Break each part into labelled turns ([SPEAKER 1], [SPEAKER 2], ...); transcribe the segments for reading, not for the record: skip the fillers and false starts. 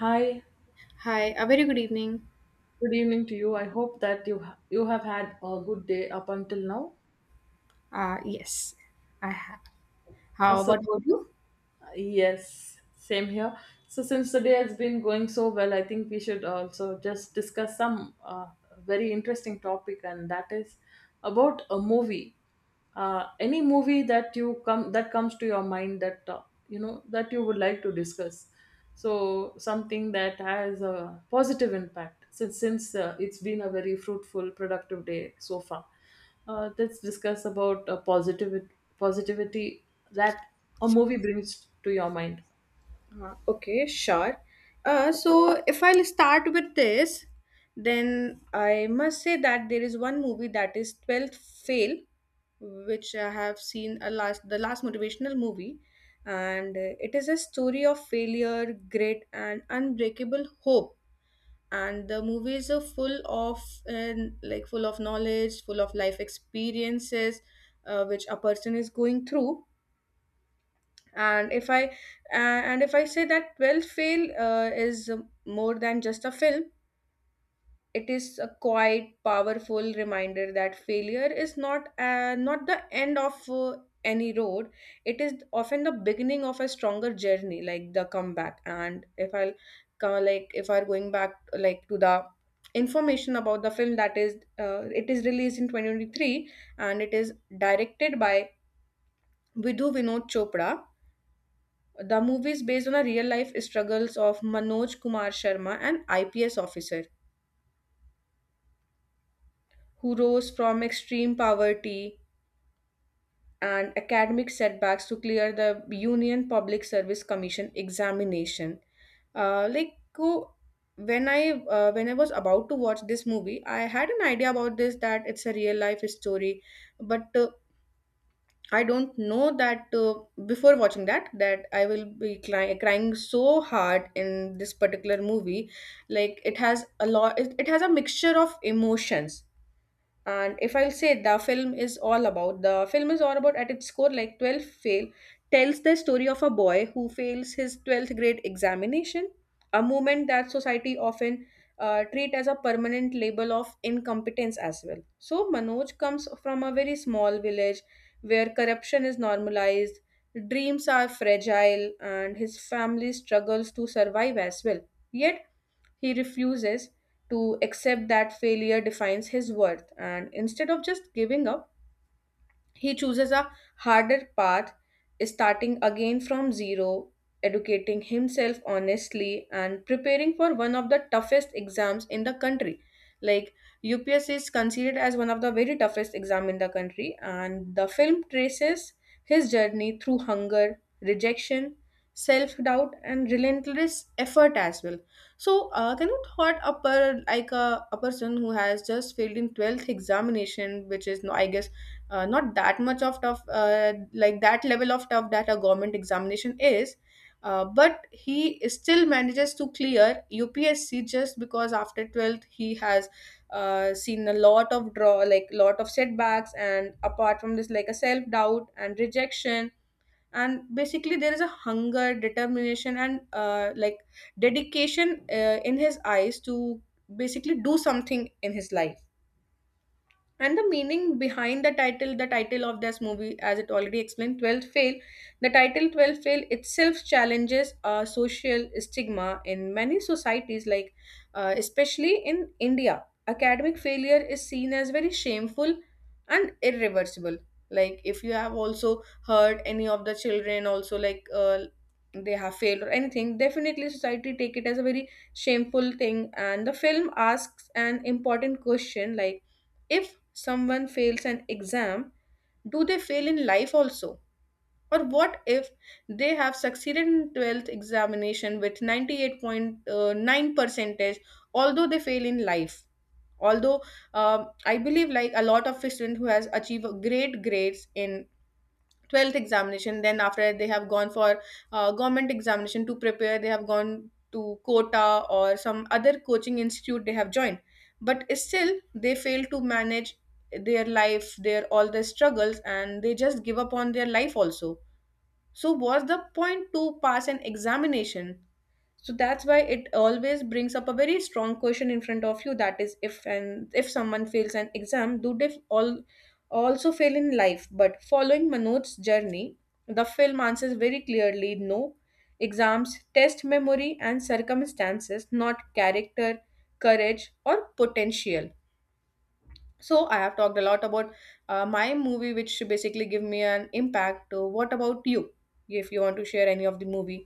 [SPEAKER 1] Hi,
[SPEAKER 2] Hi, a very good evening.
[SPEAKER 1] good evening to you. I hope that you you have had a good day up until now.
[SPEAKER 2] Yes, I have.
[SPEAKER 1] Uh,
[SPEAKER 2] How
[SPEAKER 1] so
[SPEAKER 2] what about you?
[SPEAKER 1] yes, same here. So since the day has been going so well, I think we should also just discuss some very interesting topic, and that is about a movie. Any movie that you come that comes to your mind that that you would like to discuss, so something that has a positive impact, since it's been a very fruitful, productive day so far. Uh, let's discuss about positive positivity that a movie brings to your mind.
[SPEAKER 2] Okay, sure. So if I'll start with this, then I must say that there is one movie that is 12th Fail, which I have seen a last the last motivational movie, and it is a story of failure, grit, and unbreakable hope, and the movies are full of knowledge, full of life experiences, which a person is going through. And if i uh, and if i say that 12 fail is more than just a film. It is a quite powerful reminder that failure is not the end of any road. It is often the beginning of a stronger journey, like the comeback. And if I'm going back, like, to the information about the film, that is, it is released in 2023 and it is directed by Vidhu Vinod Chopra. The movie is based on the real life struggles of Manoj Kumar Sharma, an IPS officer who rose from extreme poverty and academic setbacks to clear the Union Public Service Commission examination. Uh, like who- when I was about to watch this movie, I had an idea about this, that it's a real life story, but I don't know that, before watching that, I will be crying, crying so hard in this particular movie. Like it has a mixture of emotions. And if I'll say, the film is all about the film is all about at its core, like, 12th fail tells the story of a boy who fails his 12th grade examination, a moment that society often treat as a permanent label of incompetence as well. So Manoj comes from a very small village where corruption is normalized, dreams are fragile, and his family struggles to survive as well. Yet he refuses to accept that failure defines his worth, and instead of just giving up, he chooses a harder path, starting again from zero, educating himself honestly, and preparing for one of the toughest exams in the country. Like, UPSC is considered as one of the very toughest exam in the country, and the film traces his journey through hunger, rejection, self-doubt, and relentless effort as well. So, can you thought a person who has just failed in 12th examination, which is no, I guess, not that much of tough, like that level of tough that a government examination is, but he still manages to clear UPSC just because after 12th he has, seen a lot of setbacks, and apart from this, like, a self doubt and rejection. And basically there is a hunger, determination, and, like, dedication in his eyes to basically do something in his life. And the meaning behind the title of this movie, as it already explained, 12th fail, the title 12th fail itself challenges a social stigma in many societies. Like, especially in India, academic failure is seen as very shameful and irreversible. Like, if you have also heard any of the children also, like, they have failed or anything, definitely society take it as a very shameful thing. And the film asks an important question, like, if someone fails an exam, do they fail in life also? Or what if they have succeeded in 12th examination with 98.9 percentage, although they fail in life? Although, I believe, like, a lot of students who has achieved great grades in 12th examination, then after that they have gone for government examination to prepare, they have gone to quota or some other coaching institute they have joined, but still they fail to manage their life, their all their struggles, and they just give up on their life also. So what's the point to pass an examination? So that's why it always brings up a very strong question in front of you, that is, if someone fails an exam, do they all also fail in life? But following Manoj's journey, the film answers very clearly, no. Exams test memory and circumstances, not character, courage, or potential. So I have talked a lot about my movie, which basically give me an impact. What about you, if you want to share any of the movie?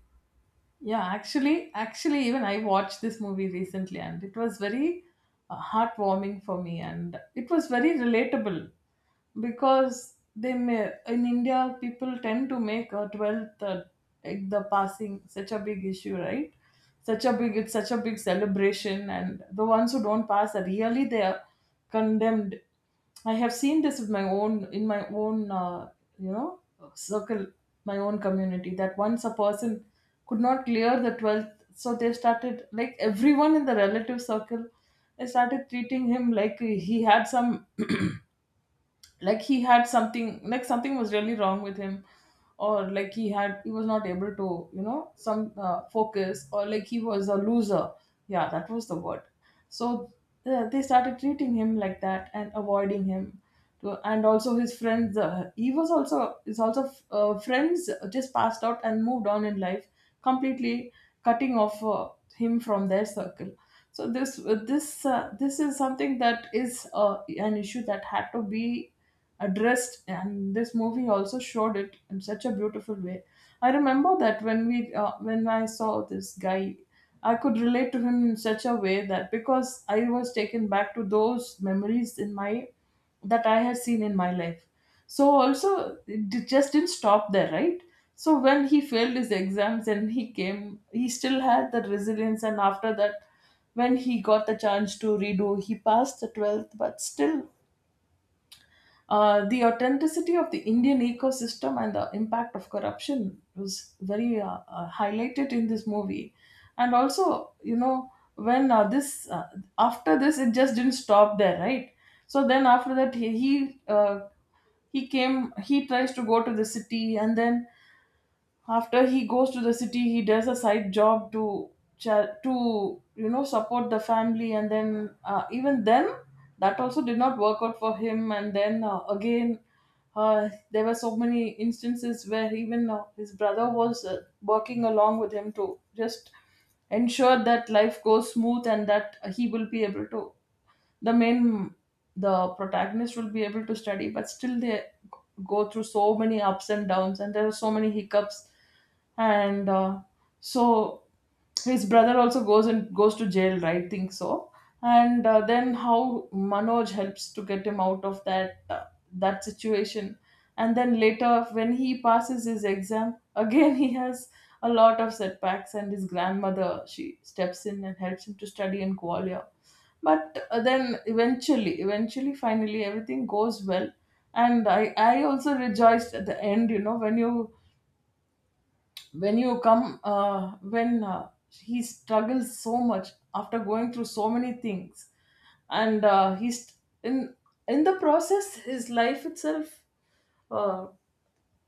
[SPEAKER 1] Yeah, actually, even I watched this movie recently, and it was very heartwarming for me, and it was very relatable because they may in India people tend to make a 12th like the passing such a big issue, right? Such a big It's such a big celebration, and the ones who don't pass are really they are condemned. I have seen this with my own you know circle, my own community, that once a person could not clear the 12th, so they started, like, everyone in the relative circle, they started treating him like he had some like he had something, like something was really wrong with him, or like he had he was not able to, you know, some focus, or like he was a loser. Yeah, that was the word. So they started treating him like that and avoiding him to, and also his friends, he was also his also friends just passed out and moved on in life, completely cutting off him from their circle. So this is something that is an issue that had to be addressed, and this movie also showed it in such a beautiful way. I remember that when we when I saw this guy, I could relate to him in such a way that, because I was taken back to those memories in my that I had seen in my life. So also it just didn't stop there, right? So when he failed his exams and he came, he still had the resilience, and after that, when he got the chance to redo, he passed the 12th, but still the authenticity of the Indian ecosystem and the impact of corruption was very highlighted in this movie. And also, you know, when after this, it just didn't stop there, right? So then after that, he came, he tries to go to the city, and then after he goes to the city, he does a side job to support the family, and then even then that also did not work out for him, and then again there were so many instances where even his brother was working along with him to just ensure that life goes smooth and that he will be able to, the main the protagonist will be able to study, but still they go through so many ups and downs, and there are so many hiccups. And so his brother also goes to jail, right, think so. And then how Manoj helps to get him out of that situation. And then later when he passes his exam again, he has a lot of setbacks, and his grandmother, she steps in and helps him to study in Gwalior. But then eventually finally everything goes well, and I also rejoiced at the end, you know, when you come, when he struggles so much after going through so many things. And he's in in the process, his life itself uh,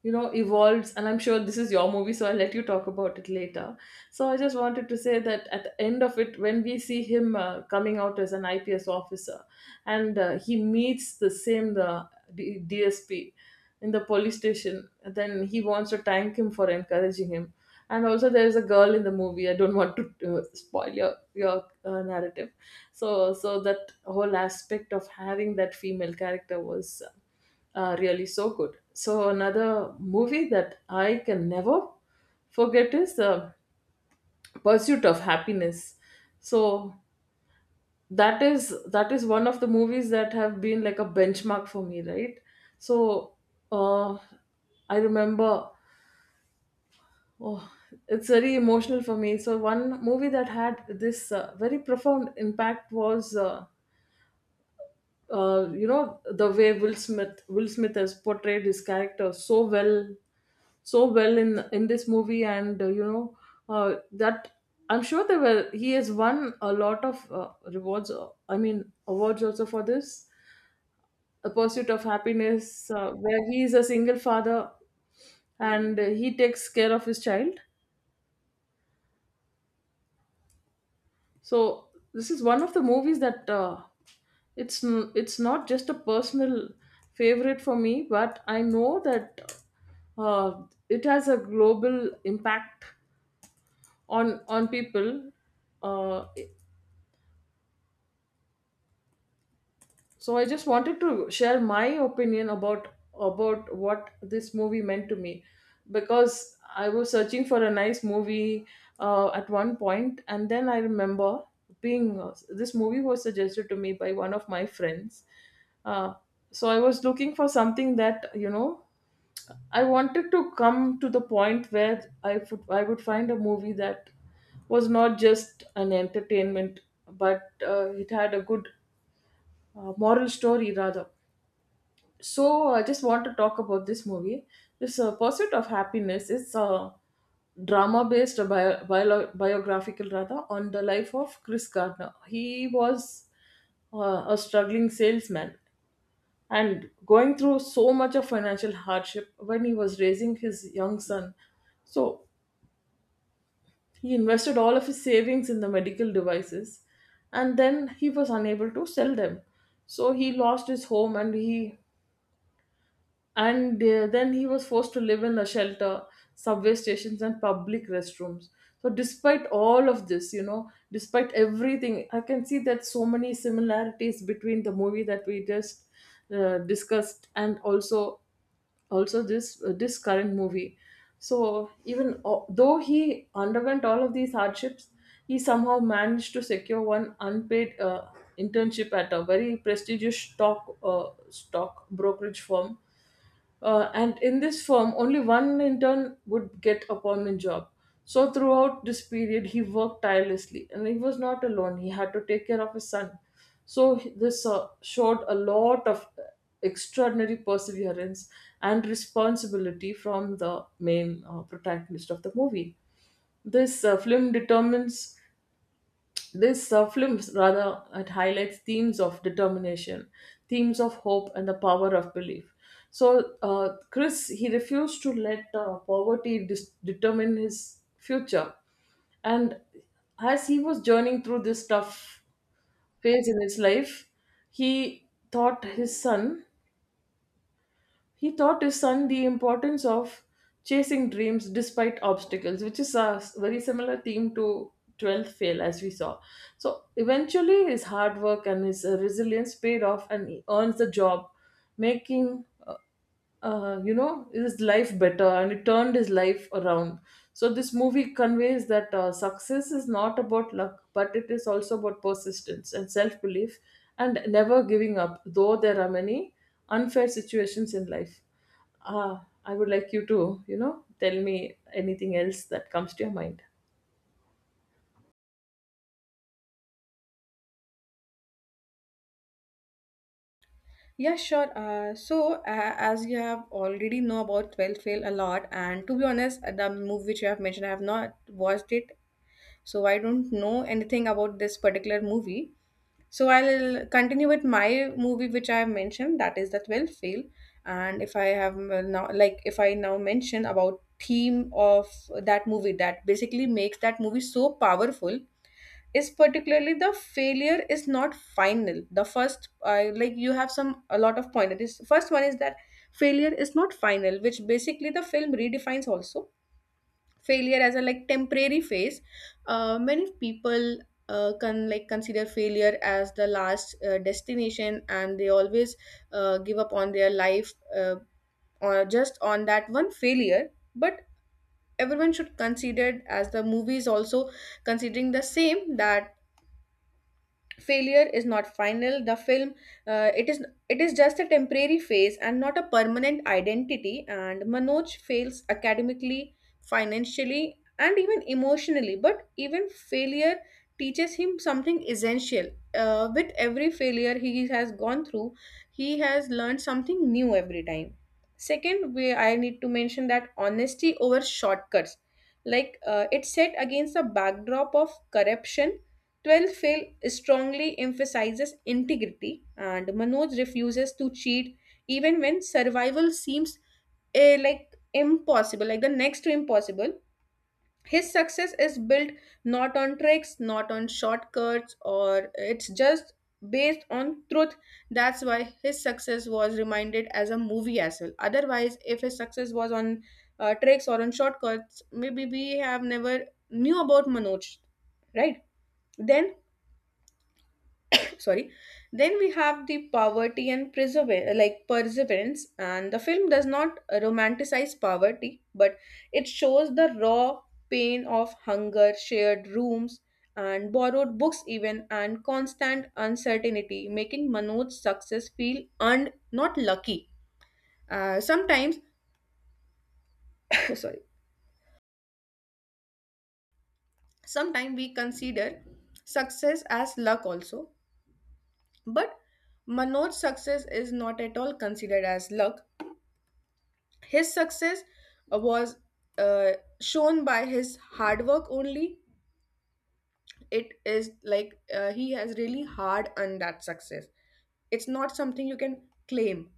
[SPEAKER 1] you know, evolves. And I'm sure this is your movie, so I'll let you talk about it later. So I just wanted to say that at the end of it, when we see him coming out as an IPS officer, and he meets the DSP in the police station, then he wants to thank him for encouraging him. And also there is a girl in the movie, I don't want to spoil your narrative. So that whole aspect of having that female character was really so good. So another movie that I can never forget is Pursuit of Happiness. So that is one of the movies that have been like a benchmark for me, right? So uh, I remember. Oh, it's very emotional for me. So one movie that had this very profound impact was. You know, the way Will Smith has portrayed his character so well so well in this movie. And that, I'm sure there were, he has won a lot of rewards I mean awards also for this, A Pursuit of Happiness, where he is a single father and he takes care of his child. So this is one of the movies that it's not just a personal favorite for me, but I know that uh, it has a global impact on people. Uh, So I just wanted to share my opinion about what this movie meant to me, because I was searching for a nice movie at one point, and then I remember being this movie was suggested to me by one of my friends. Uh, so I was looking for something that, you know, I wanted to come to the point where I would find a movie that was not just an entertainment, but it had a good moral story rather. So I just want to talk about this movie. This Pursuit of Happiness is a drama based biographical rather on the life of Chris Gardner. He was a struggling salesman and going through so much of financial hardship when he was raising his young son. So he invested all of his savings in the medical devices, and then he was unable to sell them. So he lost his home, and he and then he was forced to live in a shelter, subway stations, and public restrooms. So despite all of this, you know, despite everything, I can see that so many similarities between the movie that we just discussed, and also this this current movie. So even though he underwent all of these hardships, he somehow managed to secure one unpaid internship at a very prestigious stock brokerage firm. Uh, and in this firm, only one intern would get a permanent job. So throughout this period, he worked tirelessly, and he was not alone. He had to take care of his son. So this showed a lot of extraordinary perseverance and responsibility from the main protagonist of the movie. This uh, film determines this film rather, it highlights themes of determination, themes of hope, and the power of belief. So Chris, he refused to let poverty determine his future, and as he was journeying through this tough phase in his life, he thought his son he taught his son the importance of chasing dreams despite obstacles, which is a very similar theme to 12th Fail, as we saw. So eventually his hard work and his resilience paid off, and he earns the job, making you know, his life better, and it turned his life around. So this movie conveys that success is not about luck, but it is also about persistence and self belief and never giving up, though there are many unfair situations in life. Uh, I would like you to, you know, tell me anything else that comes to your mind.
[SPEAKER 2] Yeah, sure. So, as you have already know about 12th Fail a lot, and to be honest, the movie which you have mentioned, I have not watched it, so I don't know anything about this particular movie. So, I'll continue with my movie which I have mentioned, that is the 12th Fail. And if I have, now, like, if I now mention about theme of that movie, that basically makes that movie so powerful, is particularly the failure is not final. The first, like, you have some, a lot of point. This first one is that failure is not final, which basically the film redefines also, failure as a, like, temporary phase. Many people, can, like, consider failure as the last, destination, and they always, give up on their life, or just on that one failure. But everyone should consider it, as the movie is also considering the same, that failure is not final. The film, uh, it is it is just a temporary phase and not a permanent identity. And Manoj fails academically, financially, and even emotionally, but even failure teaches him something essential. With every failure he has gone through, he has learned something new every time. Second, we I need to mention that honesty over shortcuts. Like, it's set against the backdrop of corruption. 12th fail strongly emphasizes integrity, and Manoj refuses to cheat even when survival seems, like, impossible, like the next to impossible. His success is built not on tricks, not on shortcuts, or it's just based on truth. That's why his success was reminded as a movie as well. Otherwise, if his success was on tricks or on shortcuts, maybe we have never knew about Manoj, right? Then, sorry, then we have the poverty and perseverance. And the film does not romanticize poverty, but it shows the raw pain of hunger, shared rooms, and borrowed books even, and constant uncertainty, making Manoj's success feel earned, not lucky. Sometimes, sorry, sometimes we consider success as luck also. But Manoj's success is not at all considered as luck. His success, was, uh, shown by his hard work only. It is like, he has really hard earned that success. It's not something you can claim.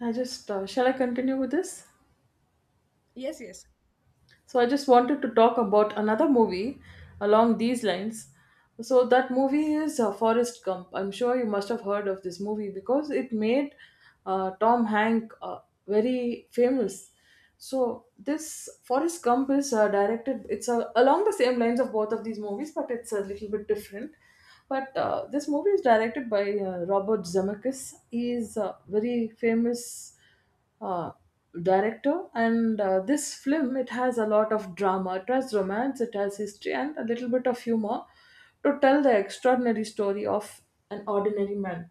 [SPEAKER 1] I just, shall I continue with this?
[SPEAKER 2] Yes, yes.
[SPEAKER 1] So I just wanted to talk about another movie along these lines. So that movie is Forrest Gump. I'm sure you must have heard of this movie, because it made Tom Hanks very famous. So this Forrest Gump is directed. It's along the same lines of both of these movies, but it's a little bit different. But this movie is directed by Robert Zemeckis. He's a very famous uh, director. And this film, it has a lot of drama, it has romance, it has history, and a little bit of humor, to tell the extraordinary story of an ordinary man.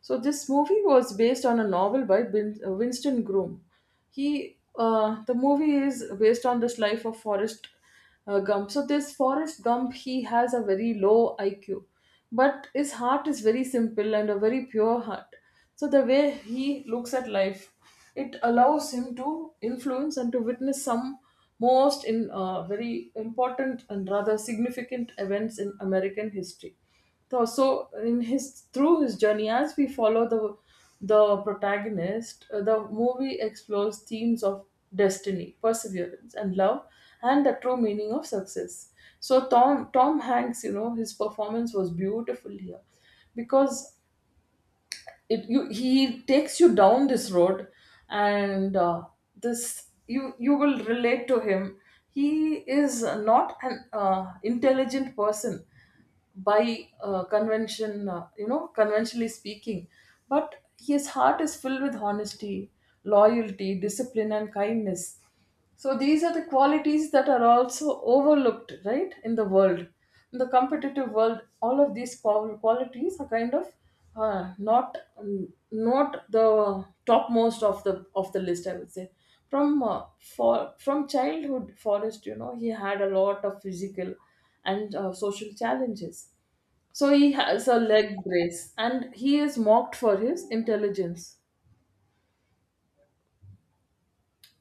[SPEAKER 1] So this movie was based on a novel by Winston Groom. He The movie is based on this life of forrest Gump. So this Forrest Gump, he has a very low IQ, but his heart is very simple and a very pure heart. So the way he looks at life, it allows him to influence and to witness some most in very important and rather significant events in American history. So, so in his through his journey, as we follow the protagonist, the movie explores themes of destiny, perseverance, and love, and the true meaning of success. So Tom Hanks, you know, his performance was beautiful here, because it you he takes you down this road and this you will relate to him. He is not an intelligent person by convention, you know, conventionally speaking. But his heart is filled with honesty, loyalty, discipline and kindness. So these are the qualities that are also overlooked, right, in the world, in the competitive world. All of these qualities are kind of not, not the topmost of the list, I would say. From uh, for from childhood, Forrest, you know, he had a lot of physical and social challenges. So he has a leg brace, and he is mocked for his intelligence.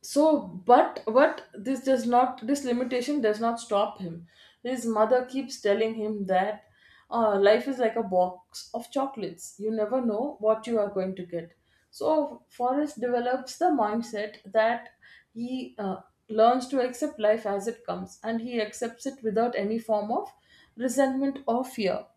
[SPEAKER 1] But what this does not, this limitation does not stop him. His mother keeps telling him that, life is like a box of chocolates. You never know what you are going to get. So, Forrest develops the mindset that he learns to accept life as it comes, and he accepts it without any form of resentment or fear.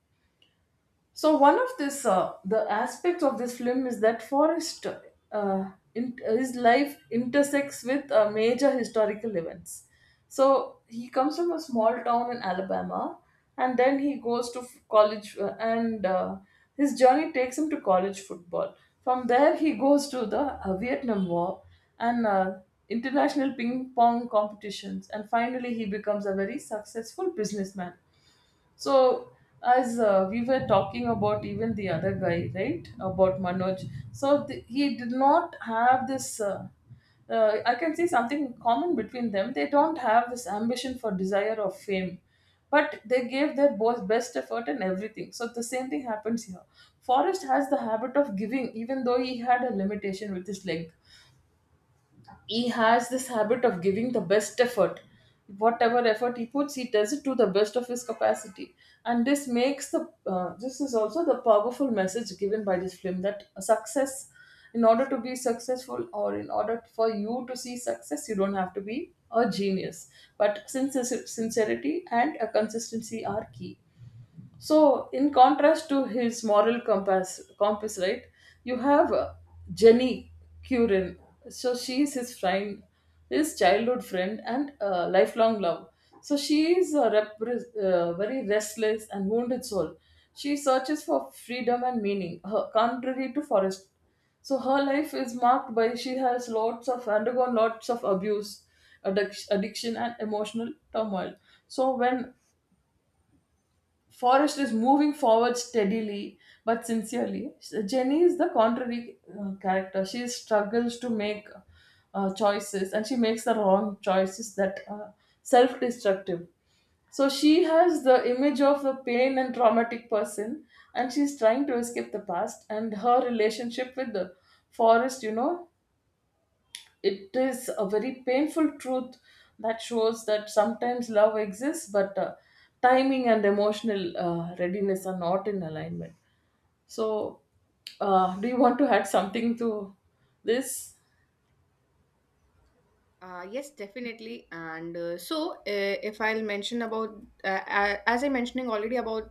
[SPEAKER 1] So one of this the aspects of this film is that Forrest, his life intersects with major historical events. So he comes from a small town in Alabama, and then he goes to college, and his journey takes him to college football. From there, he goes to the Vietnam War and international ping pong competitions, and finally, he becomes a very successful businessman. So, as we were talking about even the other guy, right, about Manoj, so he did not have this. I can see something common between them. They don't have this ambition for desire or fame, but they gave their both best effort in everything. So the same thing happens here. Forrest has the habit of giving. Even though he had a limitation with his leg, he has this habit of giving the best effort. Whatever effort he puts, he does it to the best of his capacity. And this makes the this is also the powerful message given by this film, that success, in order to be successful, or in order for you to see success, you don't have to be a genius, but sincerity and a consistency are key. So, in contrast to his moral compass, right? You have Jenny Curran. So she is his friend, his childhood friend, and lifelong love. So she is a very restless and wounded soul. She searches for freedom and meaning, contrary to Forrest. So her life is marked by, she has lots of undergone lots of abuse, addiction, and emotional turmoil. So when Forrest is moving forward steadily but sincerely, Jenny is the contrary character. She struggles to make choices, and she makes the wrong choices that are self destructive. So she has the image of the pain and traumatic person, and she's trying to escape the past. And her relationship with the Forrest, you know, it is a very painful truth that shows that sometimes love exists, but timing and emotional readiness are not in alignment. So, do you want to add something to this?
[SPEAKER 2] Yes, definitely. And, if I'll mention about, as I mentioning already about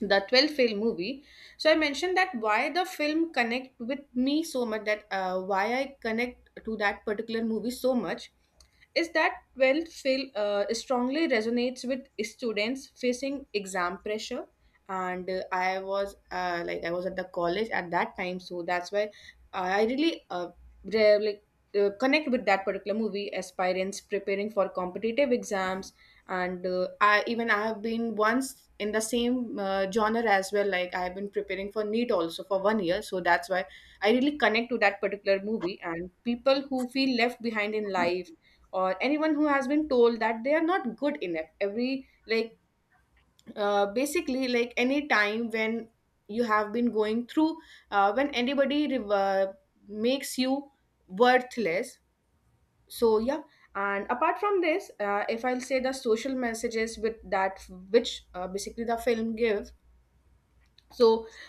[SPEAKER 2] the 12th fail movie, so I mentioned that why the film connect with me so much, that why I connect to that particular movie so much, is that 12th fail, strongly resonates with students facing exam pressure. And I was at the college at that time, so that's why I really, re- like connect with that particular movie. Aspirants preparing for competitive exams, and, I have been once in the same, genre as well. Like, I have been preparing for neat also for 1 year, so that's why I really connect to that particular movie. And people who feel left behind in life, or anyone who has been told that they are not good enough. Every, like, basically, like, any time when you have been going through, when anybody, makes you worthless. So yeah. And apart from this, if I'll say the social messages with that, which, basically the film give. So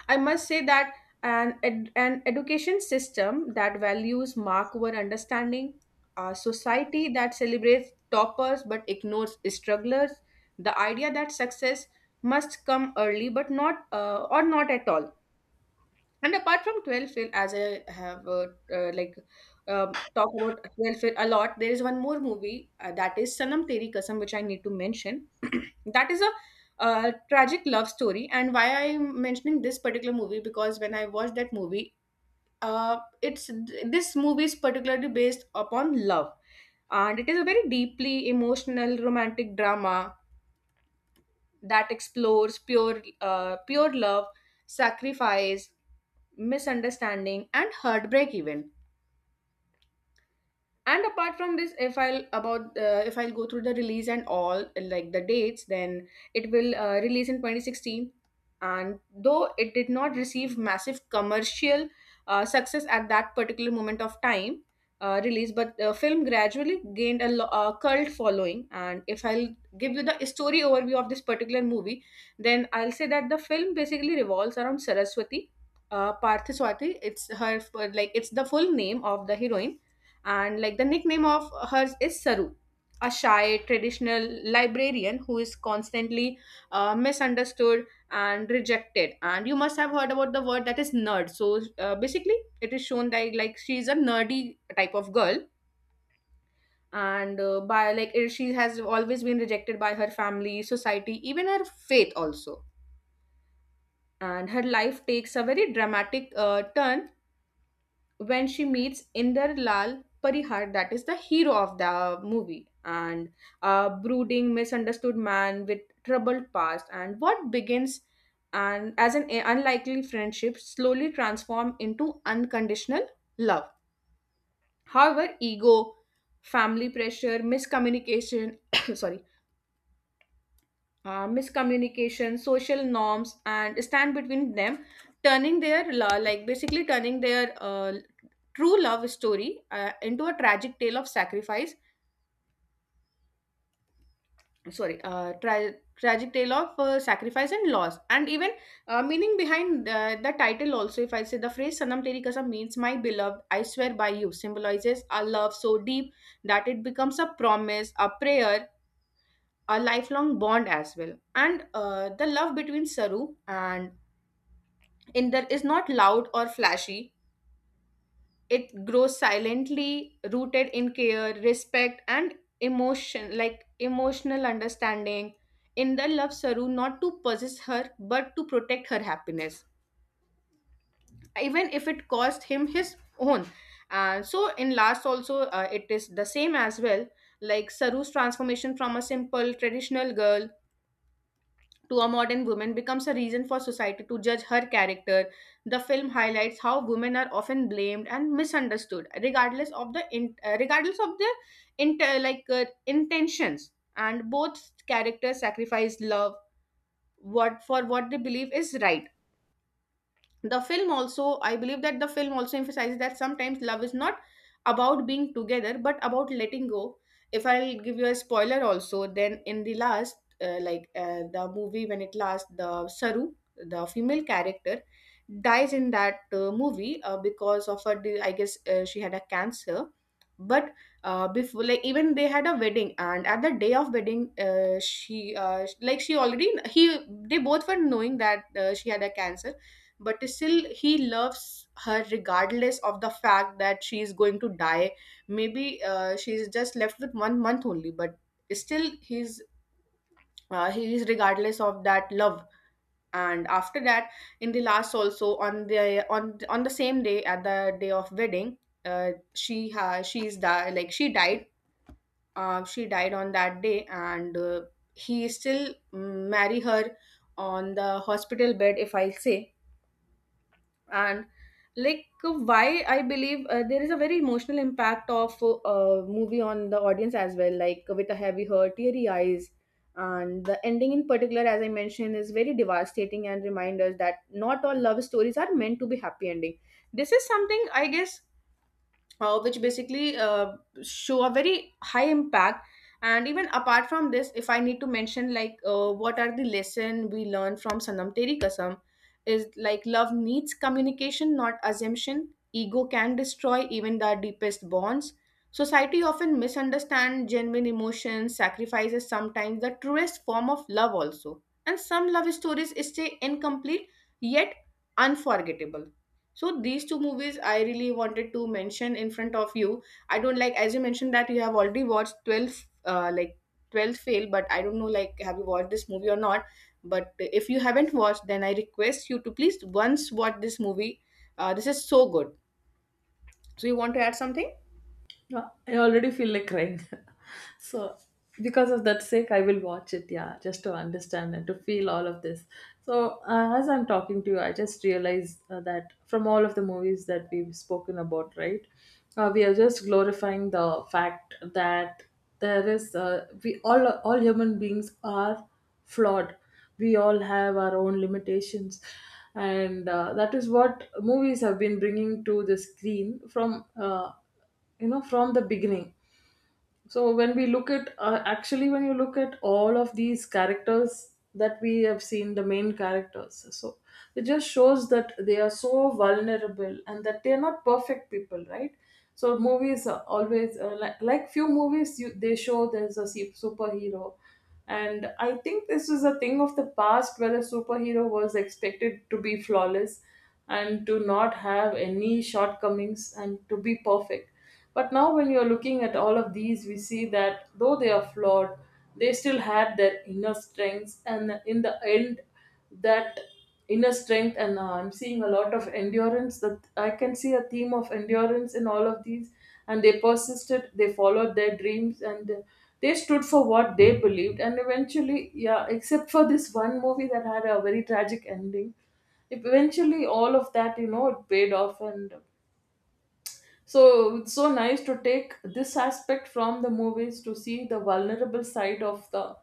[SPEAKER 2] I must say that an education system that values mark over understanding, a society that celebrates toppers but ignores strugglers, the idea that success must come early, but not, or not at all. And apart from 12th fail, as I have, talked about 12th fail a lot, there is one more movie, that is Sanam Teri Kasam, which I need to mention. That is a, tragic love story. And why I am mentioning this particular movie? Because when I watched that movie, it's this movie is particularly based upon love, and it is a very deeply emotional romantic drama that explores pure love, sacrifice, misunderstanding and heartbreak even. And apart from this, if I'll go through the release and all, like the dates, then it will release in 2016. And though it did not receive massive commercial success at that particular moment of time release, but the film gradually gained a cult following. And if I'll give you the story overview of this particular movie, then I'll say that the film basically revolves around Saraswati Parthaswati. It's her, like it's the full name of the heroine, and like the nickname of hers is Saru, a shy traditional librarian who is constantly misunderstood and rejected. And you must have heard about the word that is nerd, so basically it is shown that like she's a nerdy type of girl. And by like she has always been rejected by her family, society, even her faith also. And her life takes a very dramatic turn when she meets Inder Lal Parihar, that is the hero of the movie, and a brooding, misunderstood man with troubled past. And what begins and as an unlikely friendship slowly transform into unconditional love. However, ego, family pressure, miscommunication, sorry, miscommunication, social norms, and stand between them, turning like basically turning their true love story into a tragic tale of sacrifice, sorry, tragic tale of sacrifice and loss. And even meaning behind the title also, if I say, the phrase Sanam Teri Kasam means my beloved, I swear by you, symbolizes a love so deep that it becomes a promise, a prayer, a lifelong bond as well. And the love between Saru and Inder is not loud or flashy, it grows silently, rooted in care, respect and emotion, like emotional understanding. Indra loves Saru not to possess her but to protect her happiness, even if it cost him his own. And so in last also, it is the same as well. Like Saru's transformation from a simple traditional girl to a modern woman becomes a reason for society to judge her character. The film highlights how women are often blamed and misunderstood, regardless of regardless of their inter, like intentions. And both characters sacrifice love what for what they believe is right. The film also, I believe that the film also emphasizes that sometimes love is not about being together but about letting go. If I'll give you a spoiler also, then in the last, the movie when it last, the Saru, the female character, dies in that movie, because of I guess she had a cancer. But before, like even they had a wedding, and at the day of wedding, she like she already he, they both were knowing that she had a cancer. But still he loves her regardless of the fact that she is going to die. Maybe she's just left with 1 month only, but still he's, he is regardless of that love. And after that, in the last also, on the same day, at the day of wedding, she ha- she's di- like she died, she died on that day. And he still marry her on the hospital bed, if I say. And like, why I believe there is a very emotional impact of movie on the audience as well, like with a heavy heart, teary eyes. And the ending in particular, as I mentioned, is very devastating and remind us that not all love stories are meant to be happy ending. This is something, I guess, which basically show a very high impact. And even apart from this, if I need to mention like what are the lesson we learn from Sanam Teri Kasam, is like love needs communication not assumption, ego can destroy even the deepest bonds, society often misunderstand genuine emotions, sacrifices sometimes the truest form of love also, and some love stories stay incomplete, yet unforgettable. So these two movies I really wanted to mention in front of you. I don't, like as you mentioned that you have already watched 12 like 12th fail, but I don't know, like have you watched this movie or not. But if you haven't watched, then I request you to please once watch this movie. This is so good. So you want to add something?
[SPEAKER 1] No, I already feel like crying. So, because of that sake, I will watch it, yeah, just to understand and to feel all of this. So, as I'm talking to you, I just realized that from all of the movies that we've spoken about, right, we are just glorifying the fact that we all human beings are flawed. We all have our own limitations. And that is what movies have been bringing to the screen from. You know, from the beginning. So when we look at actually, when you look at all of these characters that we have seen, the main characters, so it just shows that they are so vulnerable, and that they are not perfect people, right? So movies are always, like few movies, they show there's a superhero, and I think this is a thing of the past where a superhero was expected to be flawless, and to not have any shortcomings, and to be perfect. But now, when you're looking at all of these, we see that though they are flawed, they still had their inner strengths, and in the end, that inner strength, and I'm seeing a lot of endurance, that I can see a theme of endurance in all of these. And they persisted, they followed their dreams, and they stood for what they believed, and eventually, yeah, except for this one movie that had a very tragic ending, eventually all of that, you know, it paid off. And so it's so nice to take this aspect from the movies, to see the vulnerable side of the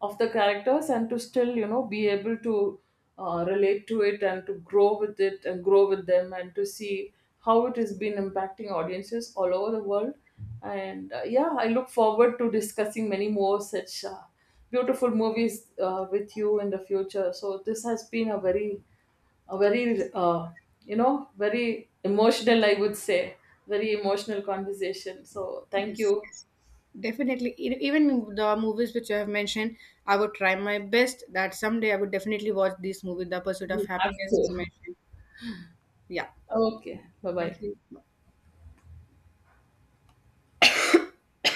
[SPEAKER 1] of the characters, and to still, you know, be able to relate to it, and to grow with it, and grow with them, and to see how it has been impacting audiences all over the world. And yeah, I look forward to discussing many more such beautiful movies with you in the future. So this has been a very, a very, very emotional, I would say, very emotional conversation. So thank
[SPEAKER 2] Yes,
[SPEAKER 1] you.
[SPEAKER 2] definitely. E- Even the movies which I have mentioned, I would try my best that someday I would definitely watch this movie, The Pursuit of
[SPEAKER 1] You have
[SPEAKER 2] Happiness, as
[SPEAKER 1] to.
[SPEAKER 2] you mentioned. Yeah,
[SPEAKER 1] Okay, bye bye.
[SPEAKER 2] thank you.